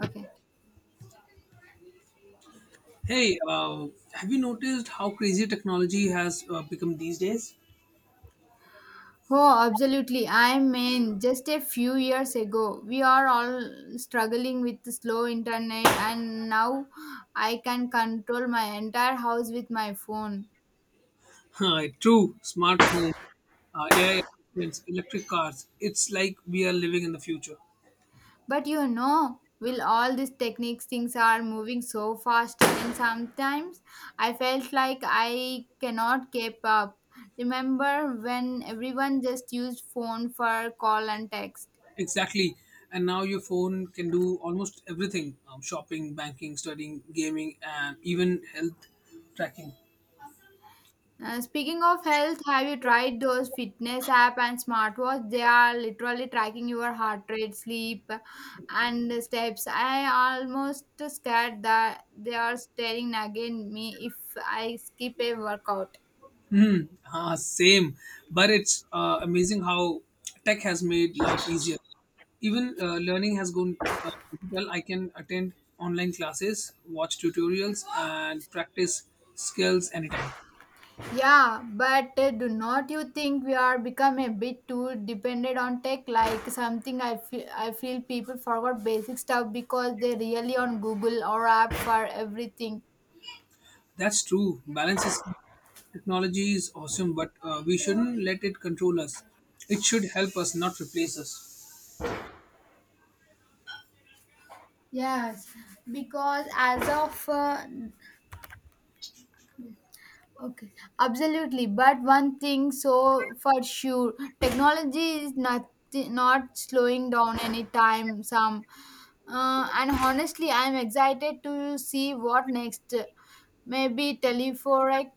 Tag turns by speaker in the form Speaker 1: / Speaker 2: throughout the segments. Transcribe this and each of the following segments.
Speaker 1: Okay.
Speaker 2: Hey, have you noticed how crazy technology has become these days?
Speaker 1: Oh, absolutely. I mean, just a few years ago, we are all struggling with the slow internet, and now I can control my entire house with my phone.
Speaker 2: True, smart home, AI assistants, electric cars. It's like we are living in the future.
Speaker 1: But you know, with all these techniques, things are moving so fast, and sometimes I felt like I cannot keep up. Remember when everyone just used phone for call and text?
Speaker 2: Exactly. And now your phone can do almost everything, shopping, banking, studying, gaming, and even health tracking.
Speaker 1: Speaking of health, have you tried those fitness app and smartwatch? They are literally tracking your heart rate, sleep, and steps. I almost scared that they are staring again me if I skip a workout.
Speaker 2: Same, but it's amazing how tech has made life easier. Even learning has gone digital. I can attend online classes, watch tutorials, and practice skills anytime.
Speaker 1: Yeah, but do not you think we are become a bit too dependent on tech? Like something I feel people forgot basic stuff because they really on Google or app for everything.
Speaker 2: That's true. Balance is technology is awesome, but we shouldn't let it control us. It should help us, not replace us.
Speaker 1: Yes, because as of okay, absolutely. But one thing, so for sure, technology is not not slowing down anytime. Some, and honestly, I'm excited to see what next. Maybe telephoric.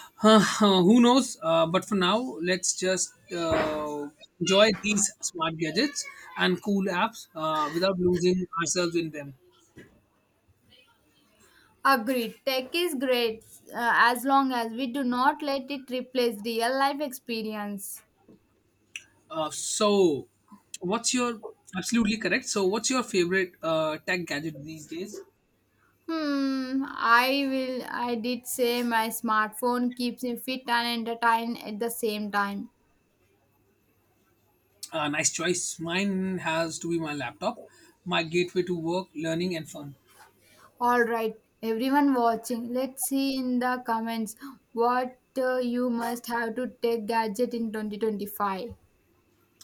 Speaker 2: Who knows? But for now, let's just enjoy these smart gadgets and cool apps without losing ourselves in them.
Speaker 1: Agreed. Tech is great as long as we do not let it replace real life experience.
Speaker 2: So, what's your absolutely correct? So, what's your favorite tech gadget these days?
Speaker 1: I will. I did say my smartphone keeps me fit and entertained at the same time.
Speaker 2: Nice choice. Mine has to be my laptop, my gateway to work, learning, and fun.
Speaker 1: All right, everyone watching, let's see in the comments what you must have to take gadget in 2025.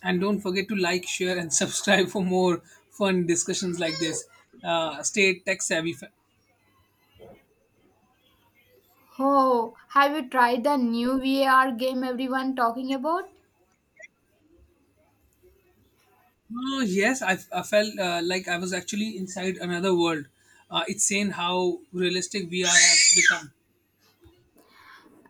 Speaker 2: And don't forget to like, share, and subscribe for more fun discussions like this. Stay tech savvy,
Speaker 1: Oh, have you tried the new VR game everyone talking about?
Speaker 2: Oh, yes, I felt like I was actually inside another world. It's insane how realistic VR has become.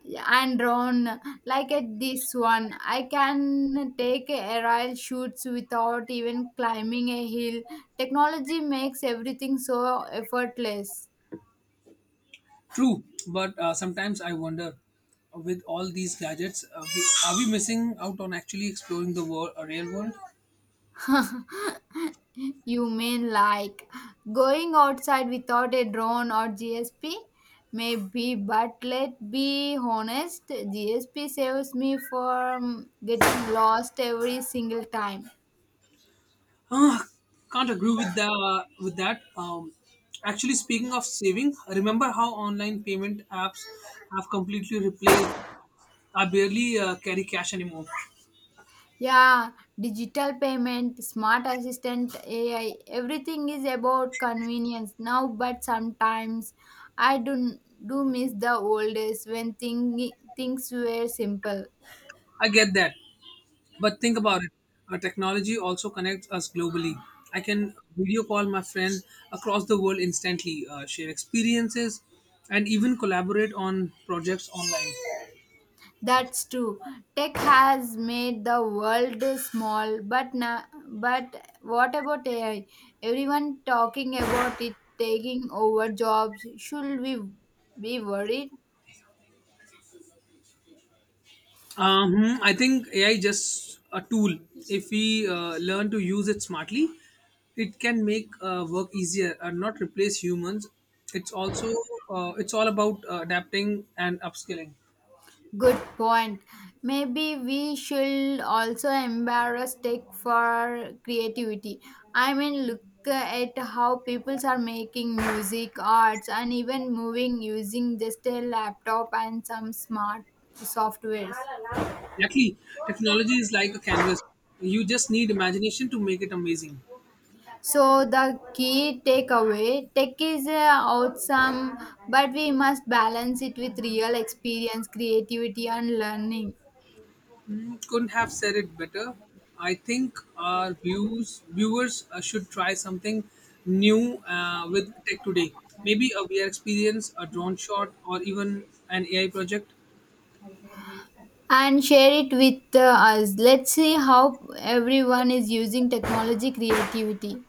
Speaker 1: Yeah, and drawn like at this one. I can take aerial shoots without even climbing a hill. Technology makes everything so effortless.
Speaker 2: True, but sometimes I wonder with all these gadgets, are we missing out on actually exploring the world, a real world?
Speaker 1: You mean like going outside without a drone or GSP? Maybe, but let's be honest, GSP saves me from getting lost every single time.
Speaker 2: Ah, can't agree with the with that. Actually, speaking of saving, remember how online payment apps have completely replaced? I barely carry cash anymore.
Speaker 1: Yeah, digital payment, smart assistant, AI, everything is about convenience now, but sometimes I do miss the old days when things were simple.
Speaker 2: I get that, but think about it, technology also connects us globally. I can video call my friend across the world instantly, share experiences, and even collaborate on projects online.
Speaker 1: That's true. Tech has made the world small, but now, but what about AI? Everyone talking about it taking over jobs. Should we be worried?
Speaker 2: I think AI is just a tool. If we learn to use it smartly, it can make work easier and not replace humans. It's also it's all about adapting and upskilling.
Speaker 1: Good point. Maybe we should also embrace tech for creativity. I mean, look at how people are making music, arts, and even moving using just a laptop and some smart softwares.
Speaker 2: Exactly, technology is like a canvas. You just need imagination to make it amazing.
Speaker 1: So the key takeaway: tech is awesome, but we must balance it with real experience, creativity, and learning.
Speaker 2: Couldn't have said it better. I think our viewers should try something new with tech today. Maybe a VR experience, a drone shot, or even an AI project.
Speaker 1: And share it with us. Let's see how everyone is using technology creativity.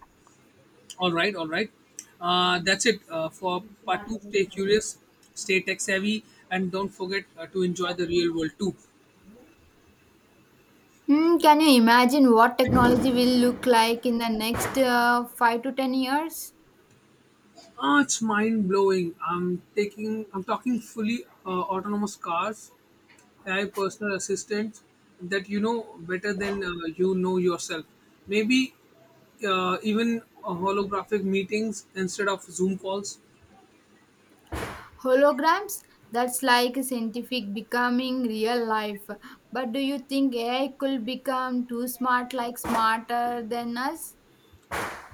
Speaker 2: All right, all right. That's it for part two. Stay curious, stay tech savvy, and don't forget to enjoy the real world too.
Speaker 1: Hmm, can you imagine what technology will look like in the next 5 to 10 years?
Speaker 2: Ah, it's mind blowing. I'm talking fully autonomous cars, AI personal assistants that better than you know yourself. Maybe even holographic meetings instead of Zoom calls.
Speaker 1: Holograms? That's like scientific becoming real life. But do you think AI could become too smart, like smarter than us?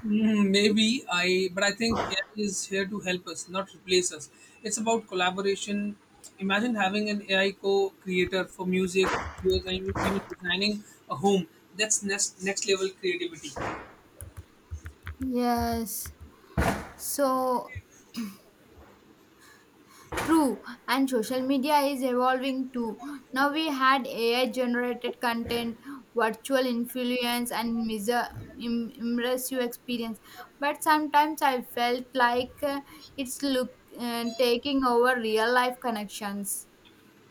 Speaker 2: But I think AI is here to help us, not replace us. It's about collaboration. Imagine having an AI co-creator for music, videos, and even designing a home. That's next level creativity.
Speaker 1: Yes. So, true, and social media is evolving too. Now we had AI generated content, virtual influence, and measure, immersive experience. But sometimes I felt like it's look taking over real life connections.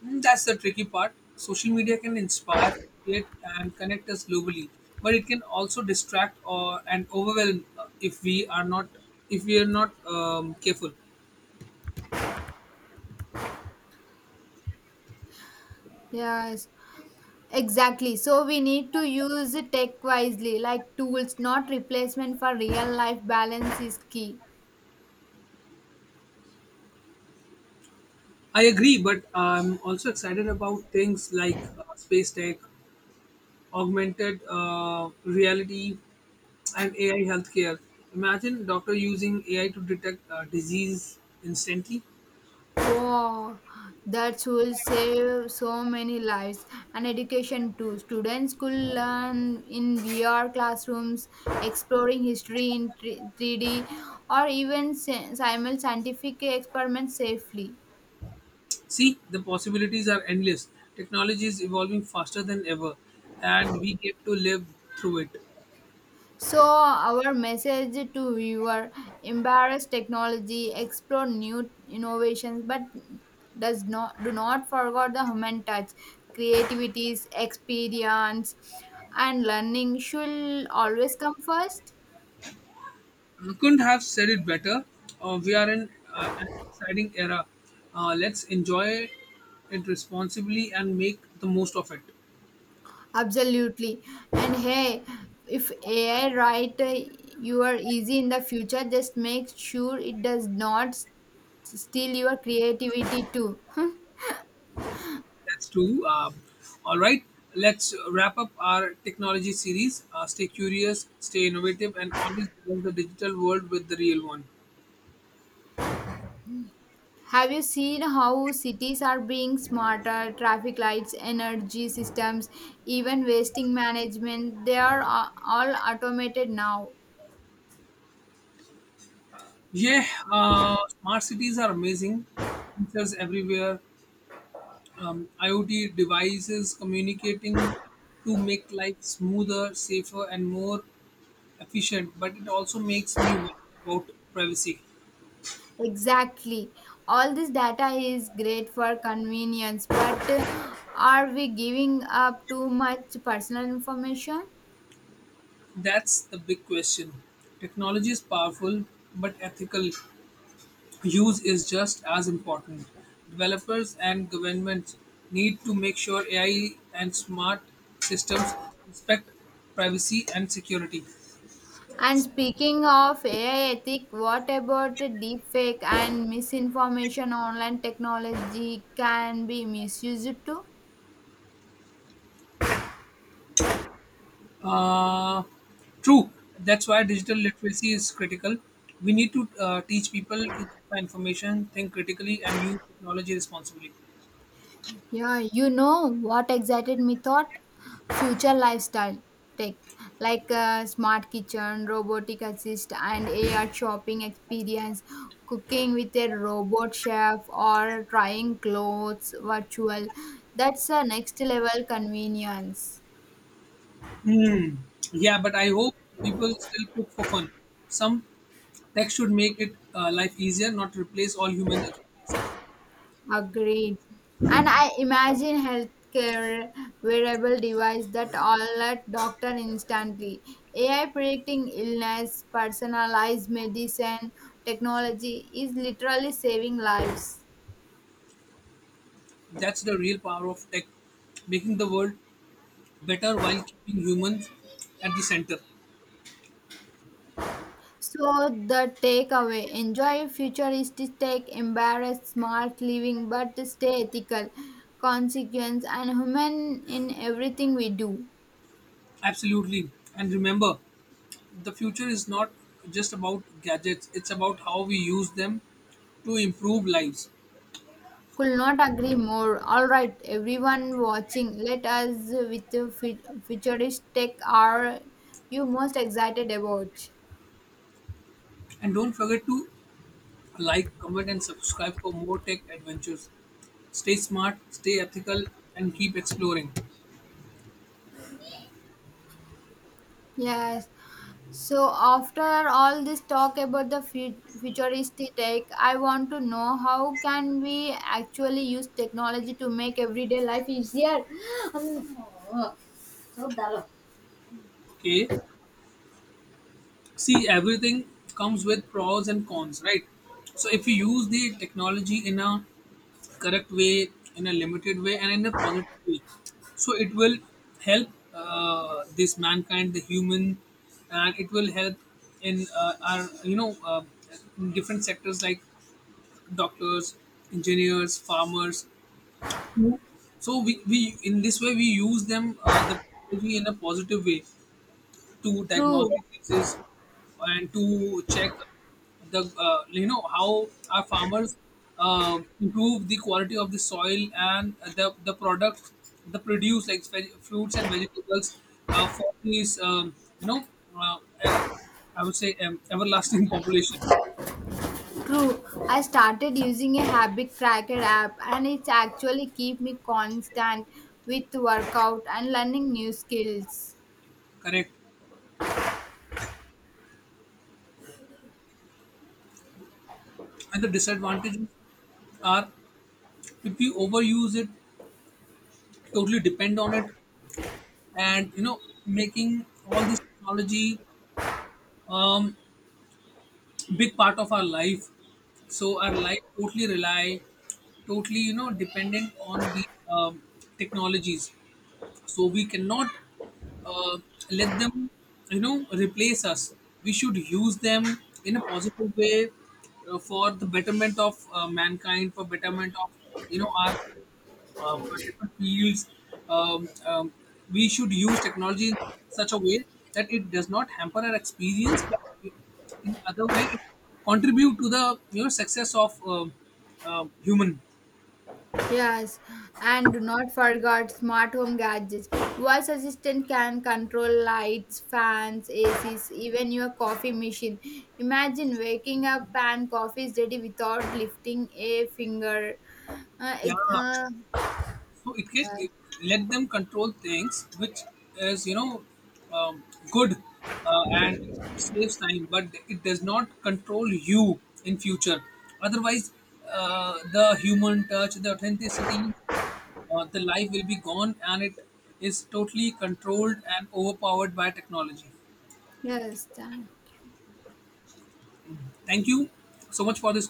Speaker 2: That's the tricky part. Social media can inspire it and connect us globally, but it can also distract or and overwhelm if we are not careful.
Speaker 1: Yes, exactly. So we need to use tech wisely, like tools, not replacement for real life balance is key.
Speaker 2: I agree, but I'm also excited about things like space tech, augmented reality, and AI healthcare. Imagine doctor using AI to detect disease instantly.
Speaker 1: Wow, that will save so many lives and education too. Students could learn in VR classrooms, exploring history in 3D, or even simul scientific experiments safely.
Speaker 2: See, the possibilities are endless. Technology is evolving faster than ever, and we get to live through it.
Speaker 1: So, our message to viewer embrace technology, explore new innovations, but does not do not forget the human touch, creativity, experience, and learning should always come first.
Speaker 2: You couldn't have said it better. We are in an exciting era. Let's enjoy it responsibly and make the most of it.
Speaker 1: Absolutely, and hey, if AI write you are easy in the future, just make sure it does not steal your creativity too.
Speaker 2: That's true. All right, let's wrap up our technology series. Stay curious, stay innovative, and always balance the digital world with the real one.
Speaker 1: Have you seen how cities are being smarter? Traffic lights, energy systems, even wasting management, they are all automated now.
Speaker 2: Yeah, smart cities are amazing. Sensors everywhere, IoT devices communicating to make life smoother, safer, and more efficient, but it also makes me worry about privacy.
Speaker 1: Exactly. All this data is great for convenience, but are we giving up too much personal information?
Speaker 2: That's the big question. Technology is powerful, but ethical use is just as important. Developers and governments need to make sure AI and smart systems respect privacy and security.
Speaker 1: And speaking of AI ethic, what about deepfake and misinformation? Online technology can be misused too.
Speaker 2: Uh, True. That's why digital literacy is critical. We need to teach people to verify information, think critically, and use technology responsibly.
Speaker 1: Yeah, you know what excited me thought? Future lifestyle tech like smart kitchen, robotic assist, and AR shopping experience, cooking with a robot chef, or trying clothes virtual. That's a next level convenience.
Speaker 2: Hmm. Yeah, but I hope people still cook for fun. Some tech should make it life easier, not replace all human exercises.
Speaker 1: Agreed. And I imagine healthcare wearable device that alert doctor instantly. AI predicting illness, personalized medicine, technology is literally saving lives.
Speaker 2: That's the real power of tech, making the world better while keeping humans at the center.
Speaker 1: So the takeaway: enjoy futuristic tech, embrace smart living, but stay ethical, consequence, and human in everything we do.
Speaker 2: Absolutely. And remember, the future is not just about gadgets, it's about how we use them to improve lives,
Speaker 1: Could not agree more. All right, everyone watching, let us with the futurist tech are you most excited about?
Speaker 2: and don't forget to like, comment and subscribe for more tech adventures. Stay smart, stay ethical, and keep exploring.
Speaker 1: Yes. So after all this talk about the futuristic tech, I want to know how can we actually use technology to make everyday life easier?
Speaker 2: Okay, see, everything comes with pros and cons, right? So if you use the technology in a correct way, in a limited way, and in a positive way, so it will help this mankind, the human. And it will help in our in different sectors like doctors, engineers, farmers. So we in this way we use them, the technology, in a positive way to diagnose
Speaker 1: True.
Speaker 2: diseases and to check the how our farmers improve the quality of the soil and the product, the produce, like fruits and vegetables, for these you know uh, ev- I would say, everlasting population.
Speaker 1: True. I started using a habit tracker app and it's actually keep me constant with workout and learning new skills.
Speaker 2: Correct. And the disadvantages are, if we overuse it, totally depend on it, and you know, making all this technology um, big part of our life. So our life totally totally, you know, dependent on the technologies. So we cannot uh, let them, you know, replace us. We should use them in a positive way for the betterment of mankind, for betterment of, you know, our for different fields. Um, um, we should use technology in such a way that it does not hamper our experience, but in other way, it contribute to the, you know, success of human.
Speaker 1: Yes, and do not forget smart home gadgets. Voice assistant can control lights, fans, ACs, even your coffee machine. Imagine waking up and coffee is ready without lifting a finger. Uh,
Speaker 2: Yeah,
Speaker 1: ig- uh,
Speaker 2: so it can
Speaker 1: yeah.
Speaker 2: let them control things, which is, you know, um, good and saves time, but it does not control you in future. Otherwise, the human touch, the authenticity, the life will be gone, and it is totally controlled and overpowered by technology.
Speaker 1: Yes, time.
Speaker 2: Thank you so much for this.